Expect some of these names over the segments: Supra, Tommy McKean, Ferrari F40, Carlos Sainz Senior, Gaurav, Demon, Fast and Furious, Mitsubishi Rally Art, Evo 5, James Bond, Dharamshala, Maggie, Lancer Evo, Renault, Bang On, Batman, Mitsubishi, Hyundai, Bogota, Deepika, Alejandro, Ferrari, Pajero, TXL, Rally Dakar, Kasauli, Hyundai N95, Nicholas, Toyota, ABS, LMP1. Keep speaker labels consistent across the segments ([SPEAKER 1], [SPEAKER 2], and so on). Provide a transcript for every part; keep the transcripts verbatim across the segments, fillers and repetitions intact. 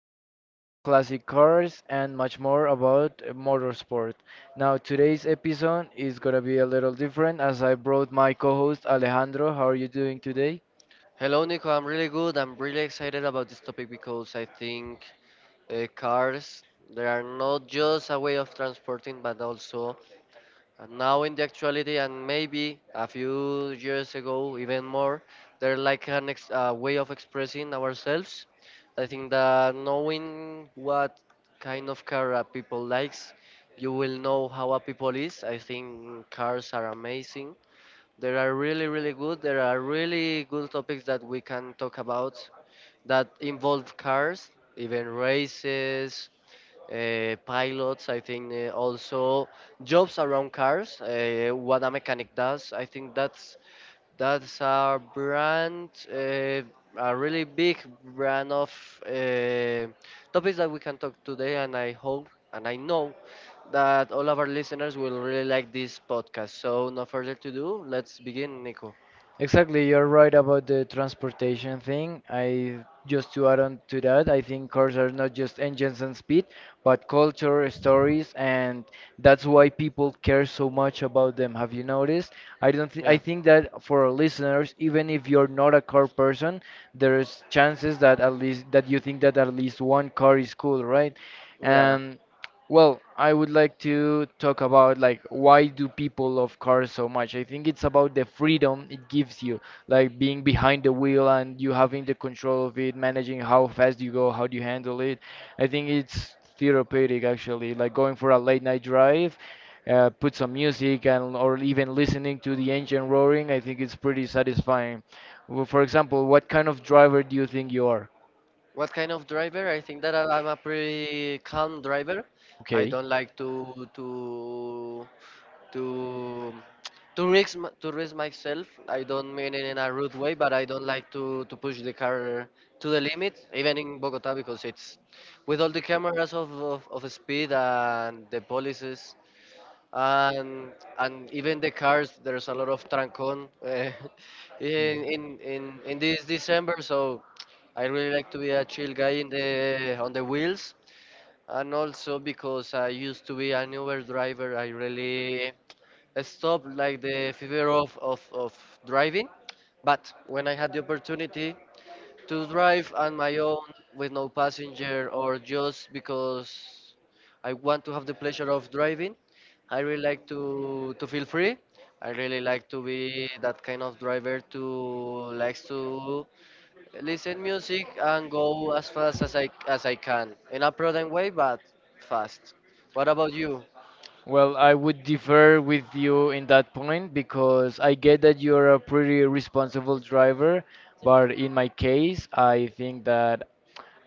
[SPEAKER 1] podcast, Classic Cars, and much more about uh, motorsport. Now, today's episode is gonna be a little different as I brought my co host Alejandro. How are you doing today?
[SPEAKER 2] Hello, Nico. I'm really good. I'm really excited about this topic because I think uh, cars they are not just a way of transporting, but also uh, now in the actuality and maybe a few years ago, even more, they're like an ex- a way of expressing ourselves. I think that knowing what kind of car a people likes, you will know how a people is. I think cars are amazing. There are really, really good. There are really good topics that we can talk about that involve cars, even races, uh, pilots. I think uh, also jobs around cars. Uh, what a mechanic does. I think that's that's our brand, uh, a really big brand of uh, topics that we can talk today. And I hope and I know that all of our listeners will really like this podcast. So, no further to do. Let's begin, Nico.
[SPEAKER 1] Exactly, you're right about the transportation thing. I just to add on to that, I think cars are not just engines and speed, but culture, stories, and that's why people care so much about them. Have you noticed? I don't thi- I
[SPEAKER 2] Yeah,
[SPEAKER 1] think that for our listeners, even if you're not a car person, there's chances that at least that you think that at least one car is cool, right?
[SPEAKER 2] yeah.
[SPEAKER 1] Well, I would like to talk about like why do people love cars so much? I think it's about the freedom it gives you, like being behind the wheel and you having the control of it, managing how fast you go, how do you handle it. I think it's therapeutic actually, like going for a late night drive, uh, put some music and or even listening to the engine roaring. I think it's pretty satisfying. Well, for example, what kind of driver do you think you are?
[SPEAKER 2] What kind of driver? I think that I- I'm a pretty calm driver. I
[SPEAKER 1] Okay.
[SPEAKER 2] don't like to to to to risk m- to risk myself. I don't mean it in a rude way, but I don't like to to push the car to the limit, even in Bogota, because it's with all the cameras of of, of speed and the policies and and even the cars there's a lot of trancon uh, in, in in in this december. So I really like to be a chill guy in the on the wheels. And also, because I used to be an Uber driver, I really stopped like the fever of of, of driving. But when I had the opportunity to drive on my own with no passenger, or just because I want to have the pleasure of driving. I really like to to feel free. I really like to be that kind of driver to likes to listen music and go as fast as I as I can in a prudent way, but fast. What about you?
[SPEAKER 1] Well, I would differ with you in that point because I get that you're a pretty responsible driver, but in my case, I think that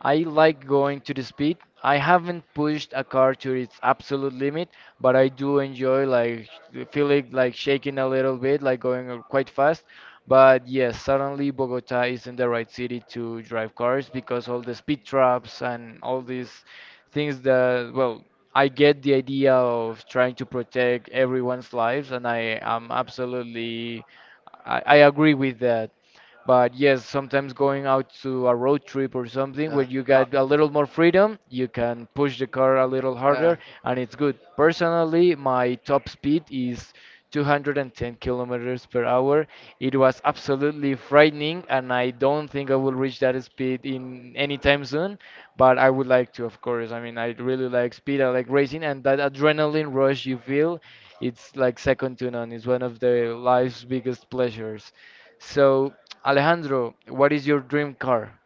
[SPEAKER 1] I like going to the speed. I haven't pushed a car to its absolute limit, but I do enjoy like sh- feeling like shaking a little bit, like going uh, quite fast. But yes, certainly Bogota isn't the right city to drive cars because all the speed traps and all these things that, well, I get the idea of trying to protect everyone's lives, and I am absolutely, I, I agree with that. But yes, sometimes going out to a road trip or something where
[SPEAKER 2] Yeah.
[SPEAKER 1] you
[SPEAKER 2] Uh,
[SPEAKER 1] got a little more freedom, you can push the car a little harder
[SPEAKER 2] uh,
[SPEAKER 1] and it's good. Personally, my top speed is two hundred ten kilometers per hour. It was absolutely frightening and I don't think I will reach that speed in any time soon, but I would like to, of course. I mean, I really like speed, I like racing and that adrenaline rush you feel, it's like second to none. It's one of the life's biggest pleasures. So, Alejandro, what is your dream car?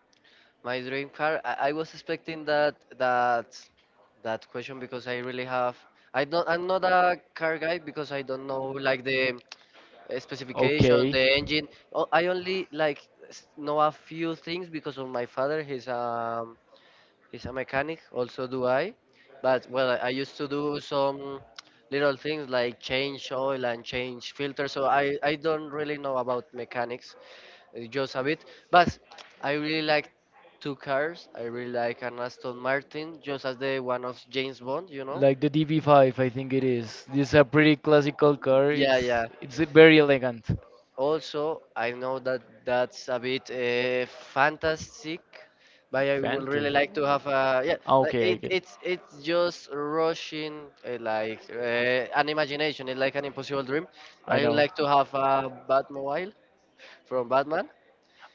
[SPEAKER 2] My dream car. I, I was expecting that that that question because I really have. I don't. I'm not a car guy because I don't know like the uh, specification,
[SPEAKER 1] Okay.
[SPEAKER 2] the engine. O- I only like s- know a few things because of my father. He's um he's a mechanic. Also do I, but well, I, I used to do some little things like change oil and change filter. So I I don't really know about mechanics, uh, just a bit. But I really like two cars. I really like an Aston Martin, just as the one of James Bond, you know?
[SPEAKER 1] Like the D B five, I think it is. This is a pretty classical car.
[SPEAKER 2] Yeah,
[SPEAKER 1] It's
[SPEAKER 2] yeah.
[SPEAKER 1] it's very elegant.
[SPEAKER 2] Also, I know that that's a bit uh, fantastic, but I would really
[SPEAKER 1] Fantasy.
[SPEAKER 2] like to have a yeah,
[SPEAKER 1] Ah,
[SPEAKER 2] like
[SPEAKER 1] okay, I
[SPEAKER 2] it,
[SPEAKER 1] get it.
[SPEAKER 2] it's it's just rushing uh, like uh, an imagination. It's like an impossible dream.
[SPEAKER 1] I
[SPEAKER 2] I would
[SPEAKER 1] know.
[SPEAKER 2] like to have a Batmobile from Batman.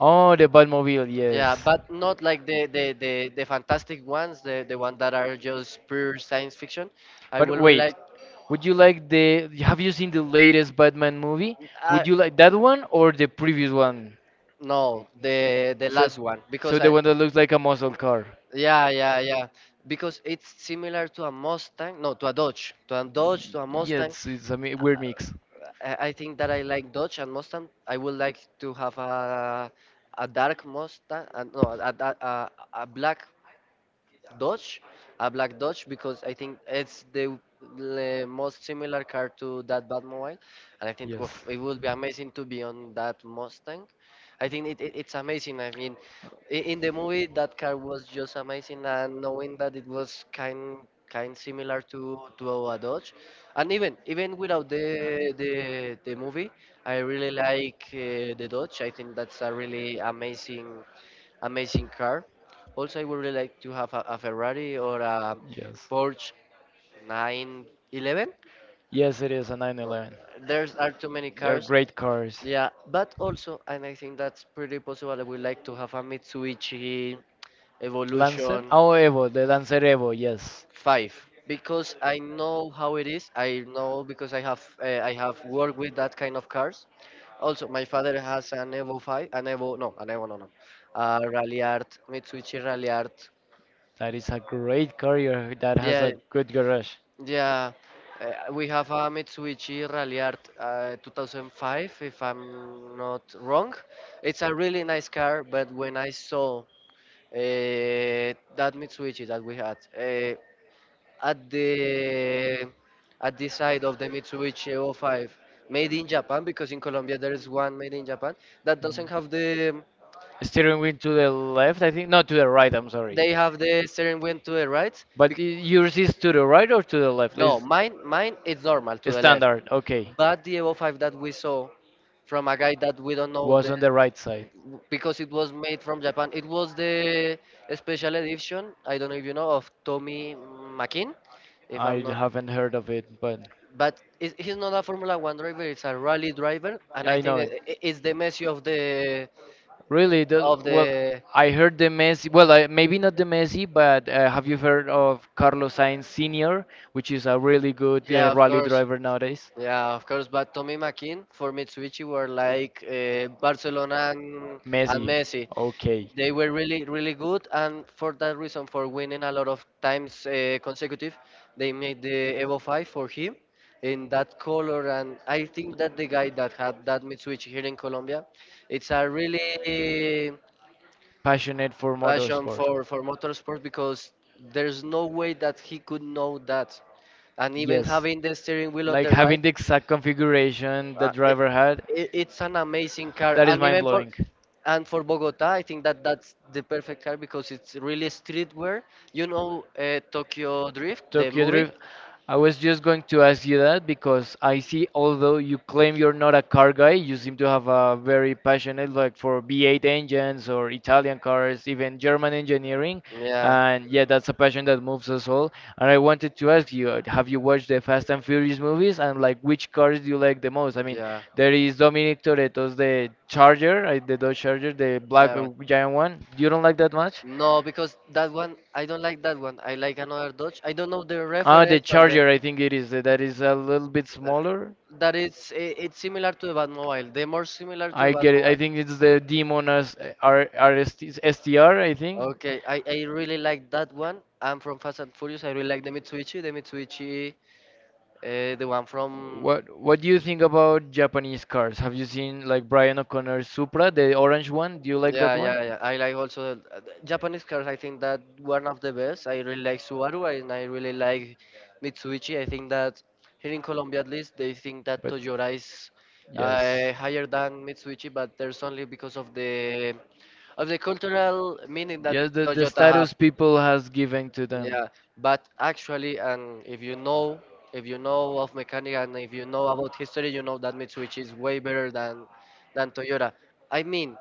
[SPEAKER 1] Oh, the Batmobile,
[SPEAKER 2] Yeah,
[SPEAKER 1] yes.
[SPEAKER 2] but not like the the the, the fantastic ones, the the ones that are just pure science fiction. I
[SPEAKER 1] But
[SPEAKER 2] will really
[SPEAKER 1] wait,
[SPEAKER 2] like,
[SPEAKER 1] would you like the? Have you seen the latest Batman movie?
[SPEAKER 2] I,
[SPEAKER 1] Would you like that one or the previous one?
[SPEAKER 2] no, the the
[SPEAKER 1] So,
[SPEAKER 2] last one because
[SPEAKER 1] so the
[SPEAKER 2] I.
[SPEAKER 1] one that looks like a muscle car.
[SPEAKER 2] Yeah, yeah, yeah, because it's similar to a Mustang, no, to a Dodge, to a Dodge, to a
[SPEAKER 1] Yeah,
[SPEAKER 2] Mustang.
[SPEAKER 1] it's, it's a mi- weird mix.
[SPEAKER 2] I, I think that I like Dodge and Mustang. I would like to have a a dark Mustang, uh, no, a, a, a, a black Dodge, a black Dodge, because I think it's the le- most similar car to that Batmobile. And I think
[SPEAKER 1] Yes.
[SPEAKER 2] oof, it would be amazing to be on that Mustang. I think it, it, it's amazing. I mean, i- in the movie, that car was just amazing, and knowing that it was kind kind similar to to a Dodge, and even even without the the the movie, I really like uh, the Dodge. I think that's a really amazing amazing car. Also, I would really like to have a, a Ferrari or a
[SPEAKER 1] Yes.
[SPEAKER 2] Porsche nine eleven.
[SPEAKER 1] Yes, it is a
[SPEAKER 2] Uh,
[SPEAKER 1] nine eleven.
[SPEAKER 2] There's are too many
[SPEAKER 1] They're
[SPEAKER 2] cars.
[SPEAKER 1] great cars.
[SPEAKER 2] Yeah, but also, and I think that's pretty possible. I would like to have a Mitsubishi
[SPEAKER 1] Lancer?
[SPEAKER 2] Evolution
[SPEAKER 1] Oh, Evo, the Lancer Evo, yes.
[SPEAKER 2] five because I know how it is. I know because I have uh, I have worked with that kind of cars. Also, my father has an Evo five, an Evo, no, an Evo, no, no, uh, Rally Art, Mitsubishi Rally Art.
[SPEAKER 1] That is a great carrier that has
[SPEAKER 2] Yeah,
[SPEAKER 1] a good garage.
[SPEAKER 2] yeah, uh, we have a Mitsubishi Rallyart uh, two thousand five, if I'm not wrong. It's a really nice car, but when I saw uh, that Mitsubishi that we had uh, at the at the side of the Mitsubishi oh 05 made in Japan, because in Colombia there is one made in Japan that
[SPEAKER 1] Mhm.
[SPEAKER 2] doesn't have the
[SPEAKER 1] Steering wheel to the left, I think. No, to the right, I'm sorry.
[SPEAKER 2] they have the steering wheel to the right.
[SPEAKER 1] But i-
[SPEAKER 2] bec-
[SPEAKER 1] yours is to the right or to the left?
[SPEAKER 2] No, mine mine is normal to
[SPEAKER 1] Is
[SPEAKER 2] the left.
[SPEAKER 1] standard, okay.
[SPEAKER 2] But the Evo five that we saw from a guy that we don't know
[SPEAKER 1] Was
[SPEAKER 2] the,
[SPEAKER 1] on the right side.
[SPEAKER 2] because it was made from Japan, it was the special edition, I don't know if you know, of Tommy McKean, if
[SPEAKER 1] I
[SPEAKER 2] I'm not.
[SPEAKER 1] haven't heard of it, but.
[SPEAKER 2] But it's, he's not a Formula One driver; it's a rally driver, and I
[SPEAKER 1] I
[SPEAKER 2] think
[SPEAKER 1] know
[SPEAKER 2] that
[SPEAKER 1] it.
[SPEAKER 2] i- it's the Messi of the
[SPEAKER 1] Really? The,
[SPEAKER 2] of
[SPEAKER 1] well,
[SPEAKER 2] the.
[SPEAKER 1] I heard the Messi. Well, I, maybe not the Messi, but uh, have you heard of Carlos Sainz Senior, which is a really good
[SPEAKER 2] Yeah,
[SPEAKER 1] uh,
[SPEAKER 2] of
[SPEAKER 1] rally
[SPEAKER 2] course,
[SPEAKER 1] driver nowadays?
[SPEAKER 2] yeah, of course. But Tommy McKean for Mitsubishi were like uh, Barcelona and, and
[SPEAKER 1] Messi.
[SPEAKER 2] Messi.
[SPEAKER 1] Okay.
[SPEAKER 2] They were really, really good, and for that reason, for winning a lot of times uh, consecutive, they made the Evo five for him in that color. And I think that the guy that had that Mitsubishi here in Colombia, it's a really
[SPEAKER 1] Passionate for
[SPEAKER 2] passion
[SPEAKER 1] motorsport.
[SPEAKER 2] for for motorsport, because there's no way that he could know that, and even
[SPEAKER 1] Yes,
[SPEAKER 2] having the steering wheel on
[SPEAKER 1] like
[SPEAKER 2] the right,
[SPEAKER 1] having the exact configuration the
[SPEAKER 2] uh, it,
[SPEAKER 1] driver had,
[SPEAKER 2] it, it's an amazing car.
[SPEAKER 1] that is
[SPEAKER 2] And
[SPEAKER 1] mind
[SPEAKER 2] even for
[SPEAKER 1] blowing.
[SPEAKER 2] and for Bogota, I think that that's the perfect car because it's really streetwear. You know, uh, Tokyo Drift, the
[SPEAKER 1] Tokyo
[SPEAKER 2] movie?
[SPEAKER 1] Drift. I was just going to ask you that because I see, although you claim you're not a car guy, you seem to have a very passionate like for V eight engines or Italian cars, even German engineering.
[SPEAKER 2] Yeah,
[SPEAKER 1] And yeah, that's a passion that moves us all. And I wanted to ask you, uh, have you watched the Fast and Furious movies? And like, which cars do you like the most? I mean,
[SPEAKER 2] yeah.
[SPEAKER 1] there is Dominic Toretto's the Charger, uh, the Dodge Charger, the black
[SPEAKER 2] Uh,
[SPEAKER 1] uh, giant one. You don't like that much?
[SPEAKER 2] no, because that one, I don't like that one. I like another Dodge. I don't know the
[SPEAKER 1] Ah, the
[SPEAKER 2] reference or the.
[SPEAKER 1] Charger, I think it is. uh, That is a little bit
[SPEAKER 2] Uh,
[SPEAKER 1] smaller.
[SPEAKER 2] that is, I it's similar to the Batmobile. They're more similar to the
[SPEAKER 1] I get it. I
[SPEAKER 2] Batmobile.
[SPEAKER 1] think it's the Demon as uh, think.
[SPEAKER 2] Okay, I, I really like that one. I'm from Fast and Furious. I really like the Mitsubishi. The Mitsubishi, uh, the one from.
[SPEAKER 1] What what do you think about Japanese cars? Have you seen like Brian O'Connor's Supra, the orange one? Do you like
[SPEAKER 2] Yeah,
[SPEAKER 1] that one?
[SPEAKER 2] yeah, yeah. I like also uh, the Japanese cars. I think that one of the best. I really like Subaru and I really like Mitsubishi. I think that here in Colombia, at least, they think that
[SPEAKER 1] But
[SPEAKER 2] Toyota is uh,
[SPEAKER 1] yes.
[SPEAKER 2] higher than Mitsubishi, but there's only because of the of the cultural meaning that
[SPEAKER 1] Yes, the, the
[SPEAKER 2] Toyota have.
[SPEAKER 1] status people has given to them.
[SPEAKER 2] Yeah, but actually, and if you know, if you know of mechanic and if you know about history, you know that Mitsubishi is way better than than Toyota. I mean,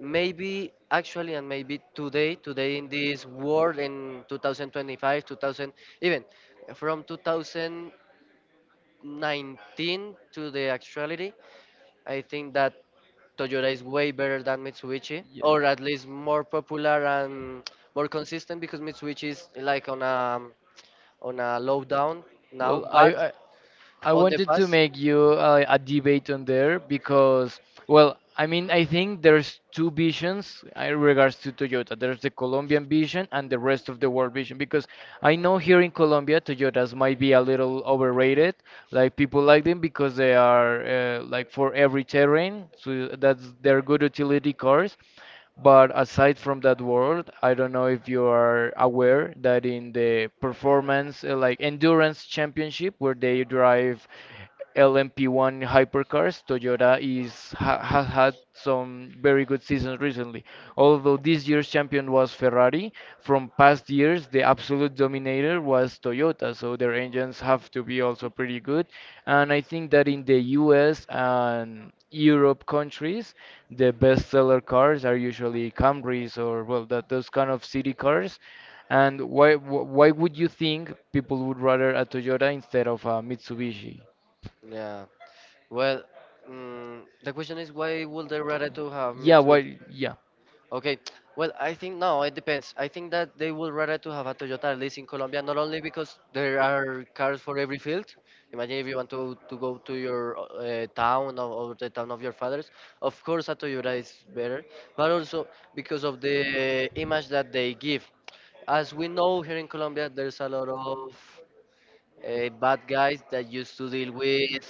[SPEAKER 2] maybe actually and maybe today today in this world in two thousand twenty-five two thousand even from two thousand nineteen to the actuality, I think that Toyota is way better than Mitsubishi,
[SPEAKER 1] Yeah.
[SPEAKER 2] or at least more popular and more consistent because Mitsubishi is like on a on a low down now,
[SPEAKER 1] Well, I,
[SPEAKER 2] but
[SPEAKER 1] I I
[SPEAKER 2] on the
[SPEAKER 1] wanted to
[SPEAKER 2] past.
[SPEAKER 1] make you uh, a debate on there because, well, I mean, I think there's two visions uh, in regards to Toyota. There's the Colombian vision and the rest of the world vision because I know here in Colombia, Toyotas might be a little overrated. Like people like them because they are uh, like for every terrain, so that's they're good utility cars. But aside from that world, I don't know if you are aware that in the performance, uh, like endurance championship, where they drive L M P one hypercars, Toyota is ha has had some very good seasons recently. Although this year's champion was Ferrari, from past years the absolute dominator was Toyota, so their engines have to be also pretty good. And I think that in the U S and Europe countries, the bestseller cars are usually Camrys or well, that those kind of city cars. And why wh- why would you think people would rather a Toyota instead of a Mitsubishi?
[SPEAKER 2] Yeah, well, mm, the question is why would they rather to have
[SPEAKER 1] Yeah,
[SPEAKER 2] Mitsubishi.
[SPEAKER 1] why?
[SPEAKER 2] Okay. Well, I think no, it depends. I think that they would rather to have a Toyota at least in Colombia, not only because there are cars for every field. Imagine if you want to, to go to your uh, town, or, or the town of your fathers. Of course, a Toyota is better, but also because of the image that they give. As we know, here in Colombia, there's a lot of uh,
[SPEAKER 1] Yeah.
[SPEAKER 2] bad guys that used to deal with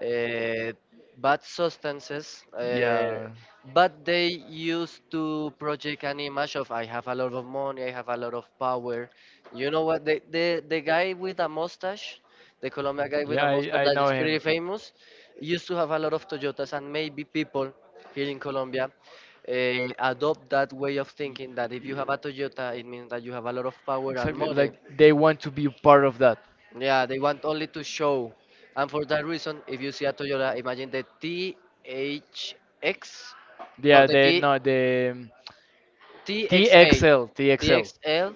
[SPEAKER 2] uh, bad substances, uh,
[SPEAKER 1] Yeah.
[SPEAKER 2] but they used to project an image of I have a lot of money, I have a lot of power. You know what? The the, the guy with a mustache, the Colombia guy with
[SPEAKER 1] Yeah,
[SPEAKER 2] a mustache
[SPEAKER 1] I, I
[SPEAKER 2] that
[SPEAKER 1] know
[SPEAKER 2] is
[SPEAKER 1] him.
[SPEAKER 2] pretty famous, used to have a lot of Toyotas, and maybe people here in Colombia. Uh, adopt that way of
[SPEAKER 1] Mm,
[SPEAKER 2] thinking, that if you have a Toyota,
[SPEAKER 1] yeah.
[SPEAKER 2] it means that you have a lot of power and
[SPEAKER 1] Exactly, like
[SPEAKER 2] money.
[SPEAKER 1] they want to be part of that.
[SPEAKER 2] Yeah, they want only to show. And for that reason, if you see a Toyota, imagine the THX, no,
[SPEAKER 1] Yeah,
[SPEAKER 2] the
[SPEAKER 1] they
[SPEAKER 2] T,
[SPEAKER 1] no the um,
[SPEAKER 2] TXA,
[SPEAKER 1] T X L,
[SPEAKER 2] TXL,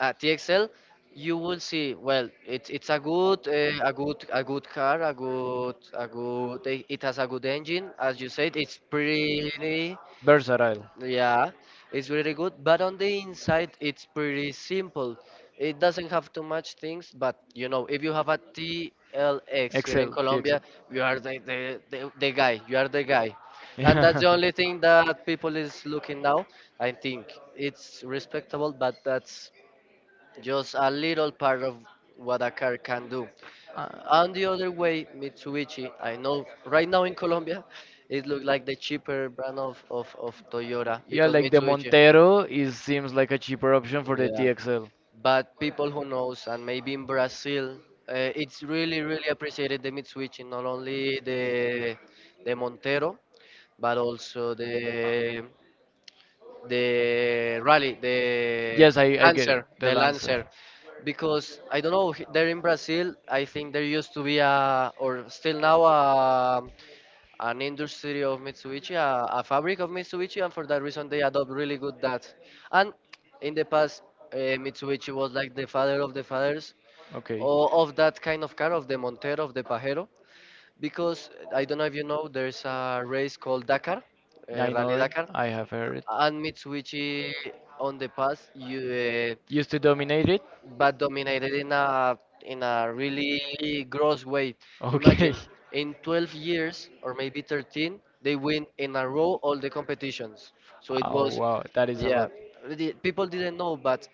[SPEAKER 2] uh, TXL, you will see, well, it's it's a good, uh, a good, a good car, a good, a good, it it has a good engine, as you said, it's pretty.
[SPEAKER 1] versatile.
[SPEAKER 2] Yeah, it's really good, but on the inside, it's pretty simple. It doesn't have too much things, but you know, if you have a T L X here in
[SPEAKER 1] Excel, the Excel.
[SPEAKER 2] Colombia, you are the, the, the, the guy, you are the guy. And that's
[SPEAKER 1] Yeah.
[SPEAKER 2] the only thing that people is looking now. I think it's respectable, but that's just a little part of what a car can do.
[SPEAKER 1] Uh,
[SPEAKER 2] On the other way, Mitsubishi, I know right now in Colombia, it looks like the cheaper brand of, of, of Toyota
[SPEAKER 1] yeah,
[SPEAKER 2] because
[SPEAKER 1] like the
[SPEAKER 2] Mitsubishi.
[SPEAKER 1] Montero is seems like a cheaper option for the
[SPEAKER 2] Yeah.
[SPEAKER 1] T X L.
[SPEAKER 2] But people who knows, and maybe in Brazil, uh, it's really, really appreciated the Mitsubishi, not only the the Montero, but also the the Rally, the
[SPEAKER 1] Yes, I, I get it,
[SPEAKER 2] Lancer,
[SPEAKER 1] the
[SPEAKER 2] the
[SPEAKER 1] Lancer.
[SPEAKER 2] Lancer because I don't know h- there in Brazil I think there used to be a or still now a an industry of Mitsubishi, a, a fabric of Mitsubishi, and for that reason they adopt really good that. And in the past, uh, Mitsubishi was like the father of the fathers
[SPEAKER 1] Okay.
[SPEAKER 2] o- of that kind of car, of the Montero, of the Pajero, because uh, I don't know if you know, there's a race called Dakar, uh,
[SPEAKER 1] I
[SPEAKER 2] Rally
[SPEAKER 1] know it.
[SPEAKER 2] Dakar,
[SPEAKER 1] I have heard it.
[SPEAKER 2] and Mitsubishi on the past you, uh,
[SPEAKER 1] Used to dominate it?
[SPEAKER 2] but dominated in a in a really gross way. Imagine
[SPEAKER 1] Okay.
[SPEAKER 2] in twelve years or maybe thirteen, they win in a row all the competitions. So it
[SPEAKER 1] Oh
[SPEAKER 2] was,
[SPEAKER 1] wow, that is a
[SPEAKER 2] yeah,
[SPEAKER 1] lot.
[SPEAKER 2] the- people didn't know, but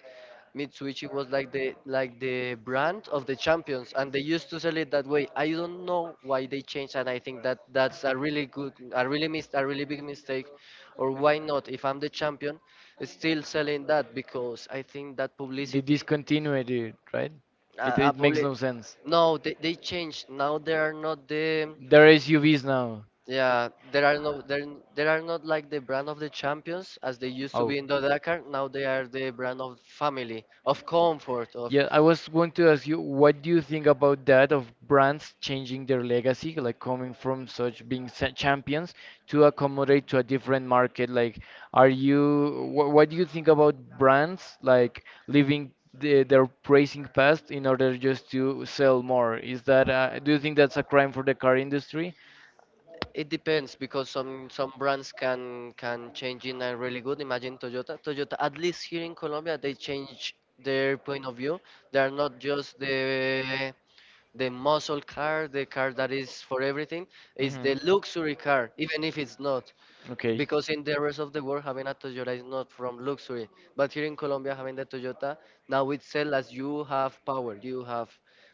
[SPEAKER 2] Mitsubishi was like the like the brand of the champions, and they used to sell it that way. I don't know why they changed, and I think that that's a really good, a really mis a really big mistake. Or why not? If I'm the champion, still selling that because I think that
[SPEAKER 1] They
[SPEAKER 2] publicity
[SPEAKER 1] discontinued it, right?
[SPEAKER 2] uh,
[SPEAKER 1] It,
[SPEAKER 2] uh,
[SPEAKER 1] it makes
[SPEAKER 2] public.
[SPEAKER 1] no sense.
[SPEAKER 2] No, they, they changed. Now there are not the
[SPEAKER 1] There are S U Vs now.
[SPEAKER 2] yeah. There are no there there are not like the brand of the champions as they used to
[SPEAKER 1] Oh.
[SPEAKER 2] be in the Dakar. Now they are the brand of family, of comfort, of.
[SPEAKER 1] Yeah, I was going to ask you, what do you think about that of brands changing their legacy, like coming from such being sa- champions to accommodate to a different market? Like, are you, wha what do you think about brands like leaving the, their praising past in order just to sell more? Is that, uh, do you think that's a crime for the car industry?
[SPEAKER 2] It depends because some some brands can can change in a really good. Imagine Toyota. Toyota, at least here in Colombia, they change their point of view. They are not just the the muscle car, the car that is for everything. It's
[SPEAKER 1] Hmm.
[SPEAKER 2] the luxury car, even if it's not.
[SPEAKER 1] Okay.
[SPEAKER 2] Because in the rest of the world having a Toyota is not from luxury, but here in Colombia having the Toyota now it's sell as you have power, you have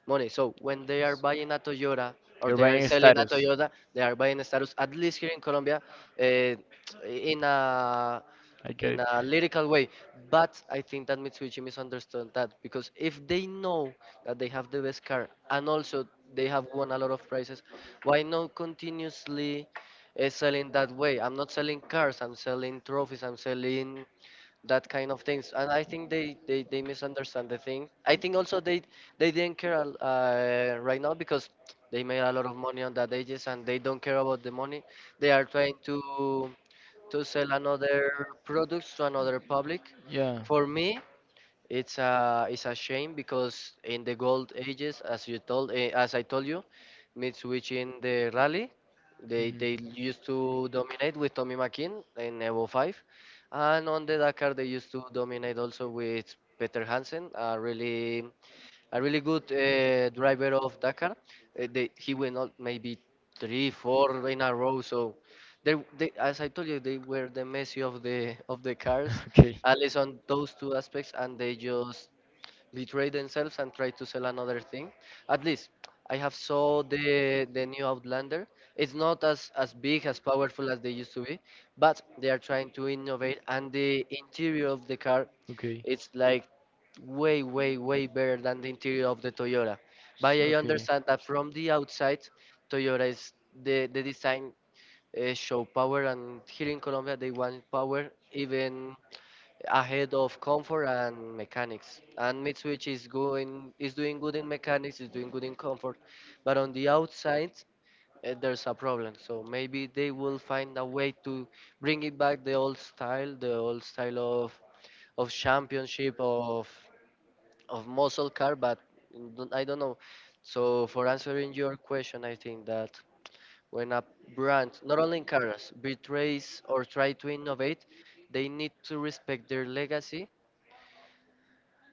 [SPEAKER 2] money. So when they are buying a Toyota or
[SPEAKER 1] Your
[SPEAKER 2] they are
[SPEAKER 1] buying
[SPEAKER 2] selling a
[SPEAKER 1] status.
[SPEAKER 2] Toyota, they are buying a status. At least here in Colombia, uh, in a
[SPEAKER 1] I get
[SPEAKER 2] in
[SPEAKER 1] it.
[SPEAKER 2] a lyrical way. But I think that Mitsubishi misunderstood that because if they know that they have the best car and also they have won a lot of prizes, why not continuously uh, selling that way? I'm not selling cars, I'm selling trophies, I'm selling that kind of things. And I think they, they, they misunderstand the thing. I think also they they didn't care uh, right now because they made a lot of money on that ages and they don't care about the money. They are trying to to sell another products to another public.
[SPEAKER 1] Yeah.
[SPEAKER 2] For me, it's a it's a shame because in the gold ages, as you told eh, as I told you, Mitsubishi in the rally, they
[SPEAKER 1] Mhm.
[SPEAKER 2] they used to dominate with Tommy McKean in Evo five, and on the Dakar they used to dominate also with Peter Hansen, a really a really good uh, driver of Dakar. Uh, they, he went out maybe three, four in a row. So, they, they, as I told you, they were the Messi of the of the cars,
[SPEAKER 1] Okay.
[SPEAKER 2] at least on those two aspects, and they just betray themselves and try to sell another thing. At least I have saw the the new Outlander. It's not as as big as powerful as they used to be, but they are trying to innovate and the interior of the car
[SPEAKER 1] Okay.
[SPEAKER 2] it's like way way way better than the interior of the Toyota. But I
[SPEAKER 1] Okay.
[SPEAKER 2] understand that from the outside Toyota is the the design uh, show power and here in Colombia they want power even ahead of comfort and mechanics. And Mitsubishi is going is doing good in mechanics, is doing good in comfort, but on the outside uh, there's a problem. So maybe they will find a way to bring it back the old style, the old style of of championship of of muscle car, but don't- I don't know. So for answering your question, I think that when a brand, not only in cars, betrays or try to innovate, they need to respect their legacy.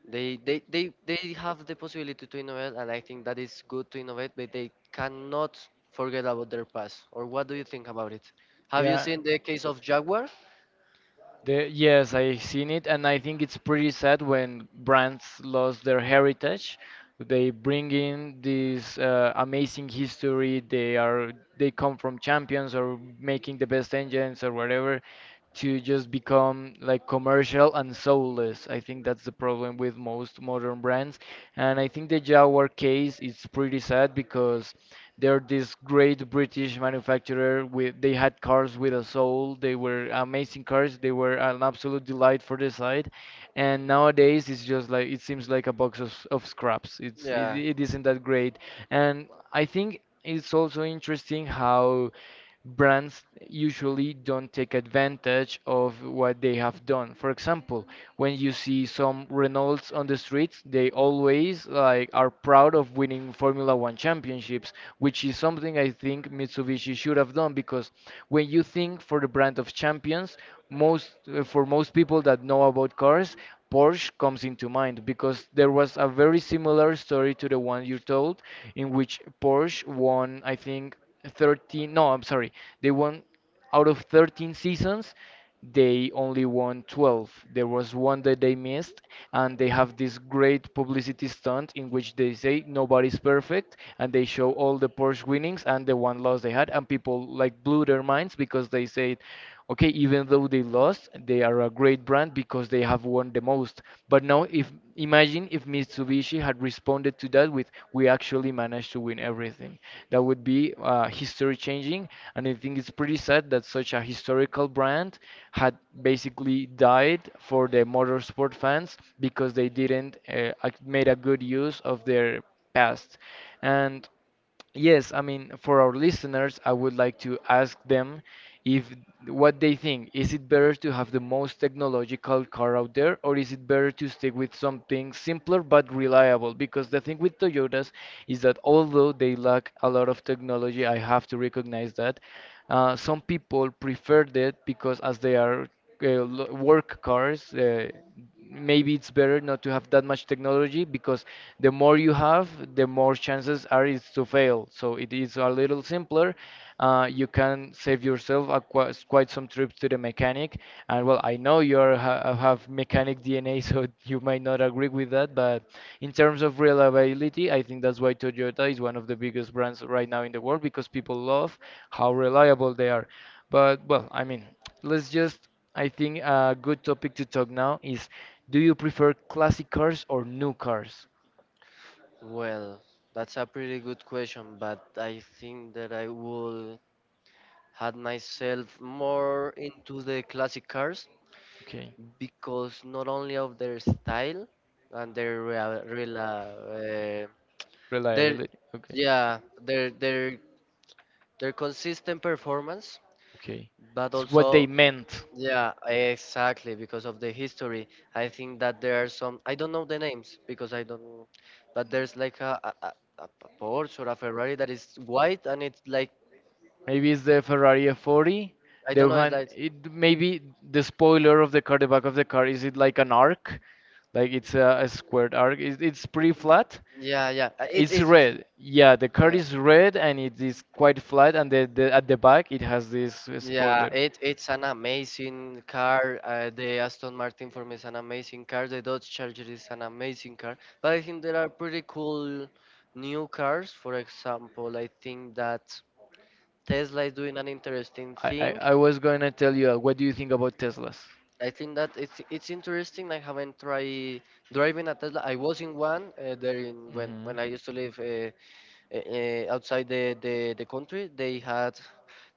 [SPEAKER 2] They, they, they, they have the possibility to innovate, and I think that is good to innovate, but they cannot forget about their past. Or what do you think about it? Have you
[SPEAKER 1] Yeah.
[SPEAKER 2] seen the case of Jaguar?
[SPEAKER 1] The, yes, I seen it, and I think it's pretty sad when brands lost their heritage. They bring in this uh, amazing history. They are they come from champions or making the best engines or whatever, to just become like commercial and soulless. I think that's the problem with most modern brands, and and I think the Jaguar case is pretty sad because they're this great British manufacturer with they had cars with a soul. They were amazing cars. They were an absolute delight for the site. And nowadays it's just like it seems like a box of, of scraps. It's it,
[SPEAKER 2] Yeah.
[SPEAKER 1] it isn't that great. And I think it's also interesting how brands usually don't take advantage of what they have done. For example, when you see some Renaults on the streets, they always like are proud of winning Formula One championships, which is something I think Mitsubishi should have done because when you think for the brand of champions, most uh, for most people that know about cars, Porsche comes into mind because there was a very similar story to the one you told, in which Porsche won, I think, thirteen. No, I'm sorry, they won out of thirteen seasons, they only won twelve. There was one that they missed, and they have this great publicity stunt in which they say nobody's perfect, and they show all the Porsche winnings and the one loss they had, and people like blew their minds because they said, okay, even though they lost, they are a great brand because they have won the most. But now, if imagine if Mitsubishi had responded to that with we actually managed to win everything, that would be uh, history changing. And I think it's pretty sad that such a historical brand had basically died for the motorsport fans because they didn't uh, ac- made a good use of their past. And yes, I mean, for our listeners, I would like to ask them if what they think. Is it better to have the most technological car out there, or is it better to stick with something simpler but reliable? Because the thing with Toyotas is that although they lack a lot of technology, I have to recognize that, uh, some people prefer that because as they are uh, lo- work cars, uh, maybe it's better not to have that much technology because the more you have, the more chances are it's to fail. So it is a little simpler. Uh, you can save yourself a qui- quite some trips to the mechanic. And well, I know you are ha have mechanic D N A, so you might not agree with that. But in terms of reliability, I think that's why Toyota is one of the biggest brands right now in the world because people love how reliable they are. But well, I mean, let's just I think a good topic to talk now is, do you prefer classic cars or new cars?
[SPEAKER 2] Well, that's a pretty good question, but I think that I will had myself more into the classic cars
[SPEAKER 1] Okay,
[SPEAKER 2] because not only of their style and their real, real uh, uh, their
[SPEAKER 1] reliability. Okay.
[SPEAKER 2] yeah their their their consistent performance,
[SPEAKER 1] Okay.
[SPEAKER 2] but
[SPEAKER 1] It's what they
[SPEAKER 2] also
[SPEAKER 1] meant.
[SPEAKER 2] yeah, exactly because of the history. I think that there are some, I don't know the names because I don't, but there's like a a, a a Porsche or a Ferrari that is white and it's like,
[SPEAKER 1] Maybe it's the Ferrari F forty.
[SPEAKER 2] I
[SPEAKER 1] The
[SPEAKER 2] don't know, it's
[SPEAKER 1] one,
[SPEAKER 2] like,
[SPEAKER 1] it maybe the spoiler of the car, the back of the car, is it like an arc? Like it's a, a squared arc. It, it's pretty flat.
[SPEAKER 2] yeah, yeah. uh, It's
[SPEAKER 1] It's
[SPEAKER 2] it's
[SPEAKER 1] red. Yeah, the car
[SPEAKER 2] yeah,
[SPEAKER 1] is red and it is quite flat. And the, the at the back, it has this uh,
[SPEAKER 2] yeah,
[SPEAKER 1] spoiler.
[SPEAKER 2] it it's an amazing car. Uh, the Aston Martin for me is an amazing car. The Dodge Charger is an amazing car. But I think there are pretty cool new cars. For example, I think that Tesla is doing an interesting
[SPEAKER 1] I, I,
[SPEAKER 2] thing.
[SPEAKER 1] I was going to tell you, uh, what do you think about Teslas?
[SPEAKER 2] I think that it's it's interesting. I haven't tried driving a Tesla. I was in one uh, there in when
[SPEAKER 1] Hmm.
[SPEAKER 2] when I used to live uh, uh, uh, outside the, the the country. They had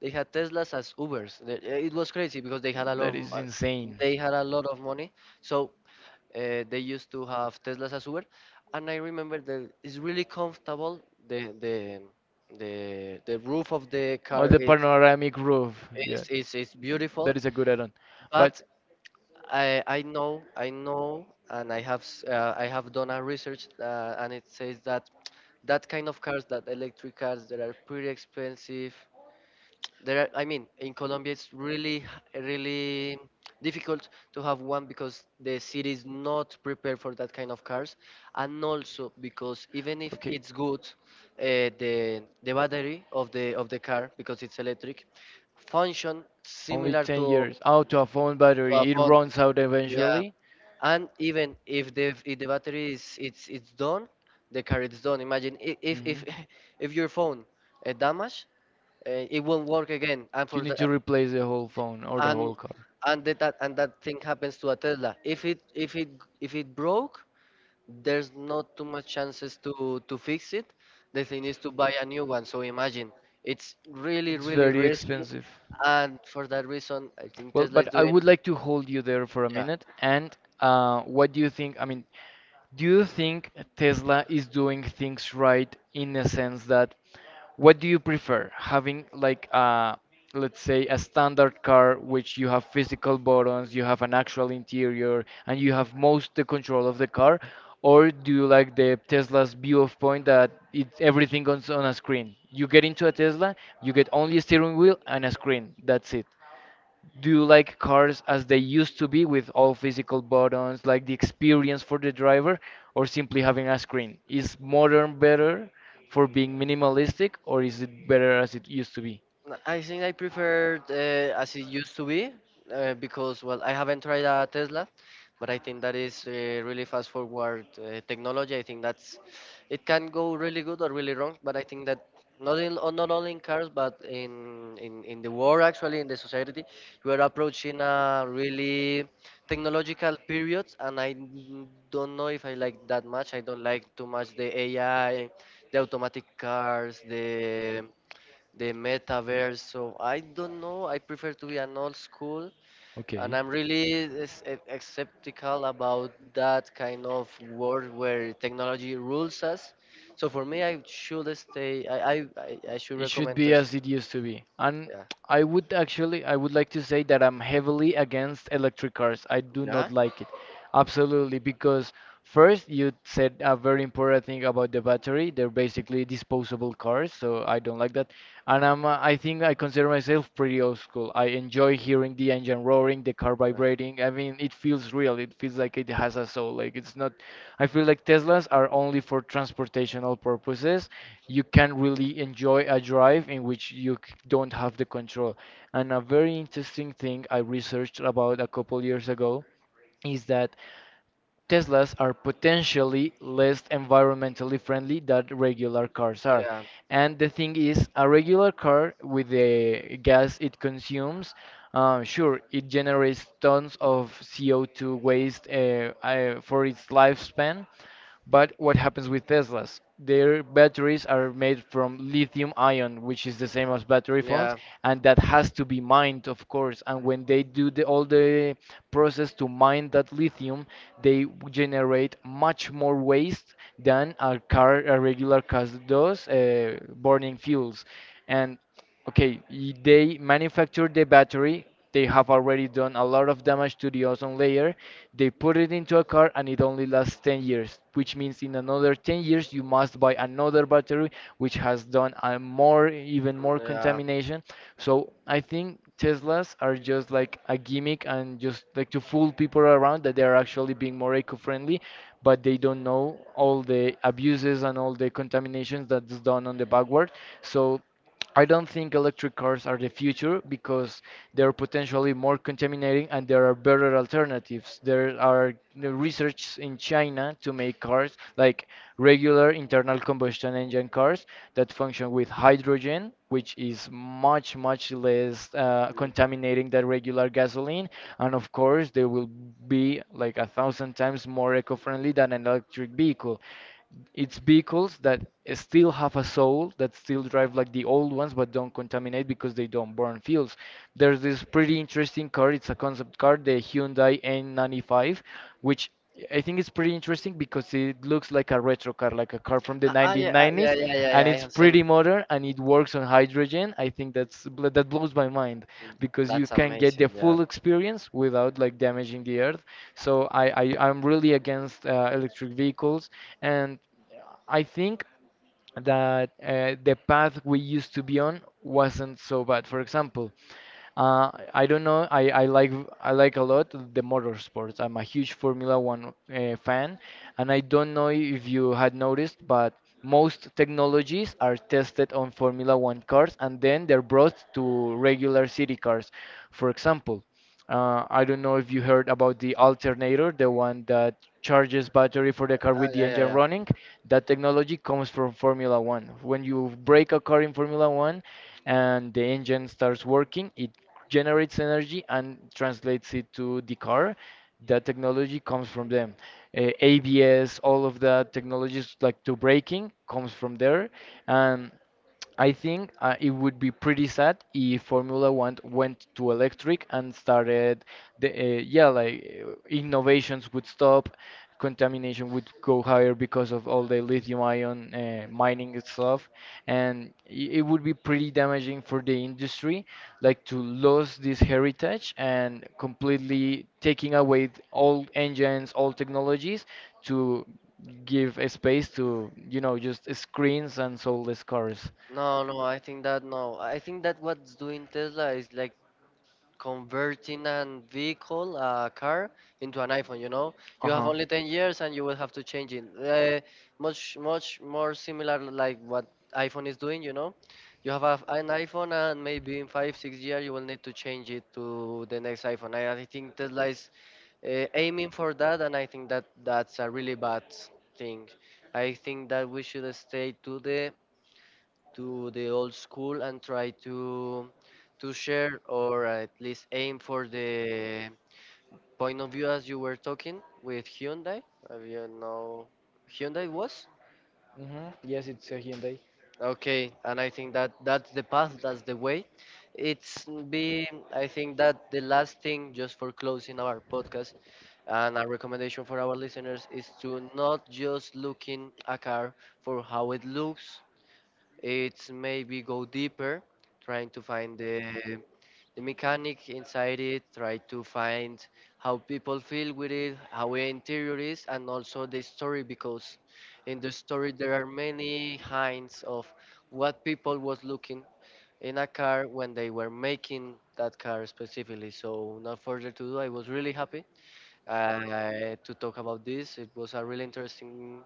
[SPEAKER 2] they had Teslas as Ubers. The- uh, It was crazy because they had a
[SPEAKER 1] That
[SPEAKER 2] lot
[SPEAKER 1] is
[SPEAKER 2] of,
[SPEAKER 1] insane.
[SPEAKER 2] they had a lot of money, so uh, they used to have Teslas as Uber, and I remember that it's really comfortable. The the the the roof of the
[SPEAKER 1] Oh,
[SPEAKER 2] car
[SPEAKER 1] the
[SPEAKER 2] is
[SPEAKER 1] panoramic roof. Yeah,
[SPEAKER 2] is is, is beautiful,
[SPEAKER 1] that is a good add-on. But
[SPEAKER 2] but I I know I know and I have s- uh, I have done a research uh, and it says that that kind of cars, that electric cars that are pretty expensive, there are, I mean, in Colombia, it's really, h- really difficult to have one because the city is not prepared for that kind of cars, and also because even if
[SPEAKER 1] okay.
[SPEAKER 2] it's good, uh, the the battery of the of the car, because it's electric, function
[SPEAKER 1] Only
[SPEAKER 2] similar
[SPEAKER 1] ten
[SPEAKER 2] to
[SPEAKER 1] years. Out of phone
[SPEAKER 2] to a
[SPEAKER 1] battery. It
[SPEAKER 2] phone.
[SPEAKER 1] runs out
[SPEAKER 2] Yeah,
[SPEAKER 1] eventually.
[SPEAKER 2] and even if the if the battery is it's it's done, the car is done. Imagine, i- if if
[SPEAKER 1] Mhm.
[SPEAKER 2] if your phone uh, damage, uh, it won't work again, and
[SPEAKER 1] You
[SPEAKER 2] for
[SPEAKER 1] need to
[SPEAKER 2] the
[SPEAKER 1] replace the whole phone or the
[SPEAKER 2] and
[SPEAKER 1] whole car.
[SPEAKER 2] and that that- and that thing happens to a Tesla. If it if it if it broke, there's not too much chances to to fix it. The thing is to buy a new one. So imagine, it's really
[SPEAKER 1] It's
[SPEAKER 2] really
[SPEAKER 1] very
[SPEAKER 2] risky,
[SPEAKER 1] expensive.
[SPEAKER 2] and for that reason, I think
[SPEAKER 1] Well,
[SPEAKER 2] Tesla is
[SPEAKER 1] but I
[SPEAKER 2] doing.
[SPEAKER 1] would like to hold you there for a
[SPEAKER 2] Yeah,
[SPEAKER 1] minute. And uh, what do you think? I mean, do you think Tesla is doing things right in the sense that, what do you prefer? Having like a, let's say a standard car which you have physical buttons, you have an actual interior, and you have most the control of the car, or do you like the Tesla's view of point that it's everything on, on a screen? You get into a Tesla, you get only a steering wheel and a screen. That's it. Do you like cars as they used to be with all physical buttons, like the experience for the driver, or simply having a screen? Is modern better for being minimalistic, or is it better as it used to be?
[SPEAKER 2] N- I think I prefer uh, as it used to be, uh, because, well, I haven't tried a Tesla, but I think that is uh, really fast forward uh, technology. I think that's it can go really good or really wrong, but I think that not in o- not only in cars but in in in the world, actually in the society, we are approaching a really technological period, and I n- don't know if I like that much. I don't like too much the A I, the automatic cars, the the metaverse. So I don't know. I prefer to be an old school, and
[SPEAKER 1] Okay.
[SPEAKER 2] I'm really s- e- skeptical about that kind of world where technology rules us. So for me, I should stay. I I, I I should
[SPEAKER 1] It should
[SPEAKER 2] recommend to.
[SPEAKER 1] be
[SPEAKER 2] s-
[SPEAKER 1] as it used to be. And
[SPEAKER 2] Yeah.
[SPEAKER 1] I would actually, I would like to say that I'm heavily against electric cars. I do
[SPEAKER 2] Yeah.
[SPEAKER 1] not like it. Absolutely, because first you said a very important thing about the battery. They're basically disposable cars, so I don't like that. And I'm, uh, I think I consider myself pretty old looks cool. I enjoy hearing the engine roaring, the car
[SPEAKER 2] Uh,
[SPEAKER 1] vibrating. I mean, it feels real. It feels like it has a soul. Like it's not. I feel like Teslas are only for transportational purposes. You can really enjoy a drive in which you c- don't have the control. And a very interesting thing I researched about a couple years ago is that Teslas are potentially less environmentally friendly than regular cars are.
[SPEAKER 2] Yeah.
[SPEAKER 1] And the thing is, a regular car with the gas it consumes, uh, sure, it generates tons of C O two waste uh, uh, for its lifespan, but what happens with Teslas? Their batteries are made from lithium ion, which is the same as battery phones,
[SPEAKER 2] Yeah.
[SPEAKER 1] and that has to be mined, of course. And when they do the, all the process to mine that lithium, they generate much more waste than a car, a regular car does, uh, burning fuels. And okay, y- they manufacture the battery. They have already done a lot of damage to the ozone layer. They put it into a car and it only lasts ten years, which means in another ten years you must buy another battery which has done a more even more
[SPEAKER 2] Yeah.
[SPEAKER 1] contamination. So I think Teslas are just like a gimmick and just like to fool people around that they are actually being more eco-friendly, but they don't know all the abuses and all the contaminations that's done on the backward. So I don't think electric cars are the future because they're potentially more contaminating and there are better alternatives. There are the research in China to make cars like regular internal combustion engine cars that function with hydrogen, which is much, much less uh, contaminating than regular gasoline. And of course, they will be like a thousand times more eco friendly than an electric vehicle. It's vehicles that still have a soul, that still drive like the old ones, but don't contaminate because they don't burn fuels. There's this pretty interesting car, it's a concept car, the Hyundai N ninety-five, which I think is pretty interesting because it looks like a retro car, like a car from the
[SPEAKER 2] Ah, ah, yeah, ah, yeah,
[SPEAKER 1] nineteen nineties,
[SPEAKER 2] yeah, yeah, yeah.
[SPEAKER 1] and
[SPEAKER 2] I
[SPEAKER 1] it's
[SPEAKER 2] have seen.
[SPEAKER 1] pretty modern and it works on hydrogen. I think that's bl- that blows my mind because you
[SPEAKER 2] That's
[SPEAKER 1] can get
[SPEAKER 2] amazing.
[SPEAKER 1] the
[SPEAKER 2] Yeah.
[SPEAKER 1] full experience without like damaging the earth. So I, I I'm really against uh, electric vehicles, and I think that uh, the path we used to be on wasn't so bad. For example, uh, I don't know. I, I like I like a lot the motorsports. I'm a huge Formula One uh, fan, and I don't know if you had noticed, but most technologies are tested on Formula One cars, and then they're brought to regular city cars. For example, uh, I don't know if you heard about the alternator, the one that charges battery for the car
[SPEAKER 2] Uh,
[SPEAKER 1] with the
[SPEAKER 2] yeah, yeah,
[SPEAKER 1] engine
[SPEAKER 2] yeah.
[SPEAKER 1] running. That technology comes from Formula One. When you break a car in Formula One, and the engine starts working, it generates energy and translates it to the car. That technology comes from them. Uh, A B S, all of that technologies like to braking comes from there. And I think uh, it would be pretty sad if Formula One went to electric and started the uh, yeah like uh, innovations would stop, contamination would go higher because of all the lithium ion uh, mining and stuff, and i- it would be pretty damaging for the industry, like to lose this heritage and completely taking away all engines, all technologies, to give a space to, you know, just screens and soulless cars.
[SPEAKER 2] No, no, I think that, no. I think that what's doing Tesla is like converting an vehicle, a car, into an iPhone, you know? You have
[SPEAKER 1] Uh-huh.
[SPEAKER 2] only ten years and you will have to change it. Uh, much, much more similar like what iPhone is doing, you know? You have a, an iPhone and maybe in five, six years you will need to change it to the next iPhone. I, I think Tesla is uh, aiming for that and I think that that's a really bad thing. I think that we should stay to the to the old school and try to to share or at least aim for the point of view as you were talking with Hyundai. Have you know, Hyundai was.
[SPEAKER 1] Hmm. Yes, it's a Hyundai.
[SPEAKER 2] Uh, okay, and I think that that's the path, that's the way it's be I think that the last thing just for closing our podcast and our recommendation for our listeners is to not just looking a car for how it looks. It's maybe go deeper, trying to find the, the mechanic inside it, try to find how people feel with it, how the interior is, and also the story because in the story there are many hints of what people was looking in a car when they were making that car specifically. So not further to do, I was really happy uh, to talk about this. It was a really interesting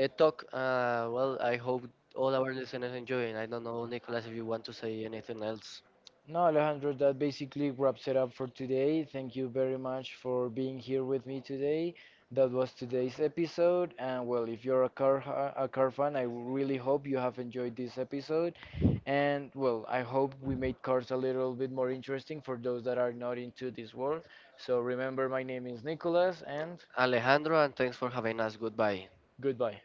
[SPEAKER 2] uh, talk. Uh, well, I hope all our listeners enjoy. And I don't know, Nicolas, if you want to say anything else.
[SPEAKER 1] No, Alejandro, that basically wraps it up for today. Thank you very much for being here with me today. That was today's episode, and well, if you're a car ha- a car fan, I really hope you have enjoyed this episode. And well, I hope we made cars a little bit more interesting for those that are not into this world. So remember, my name is Nicholas, and
[SPEAKER 2] Alejandro, and thanks for having us. Goodbye.
[SPEAKER 1] goodbye.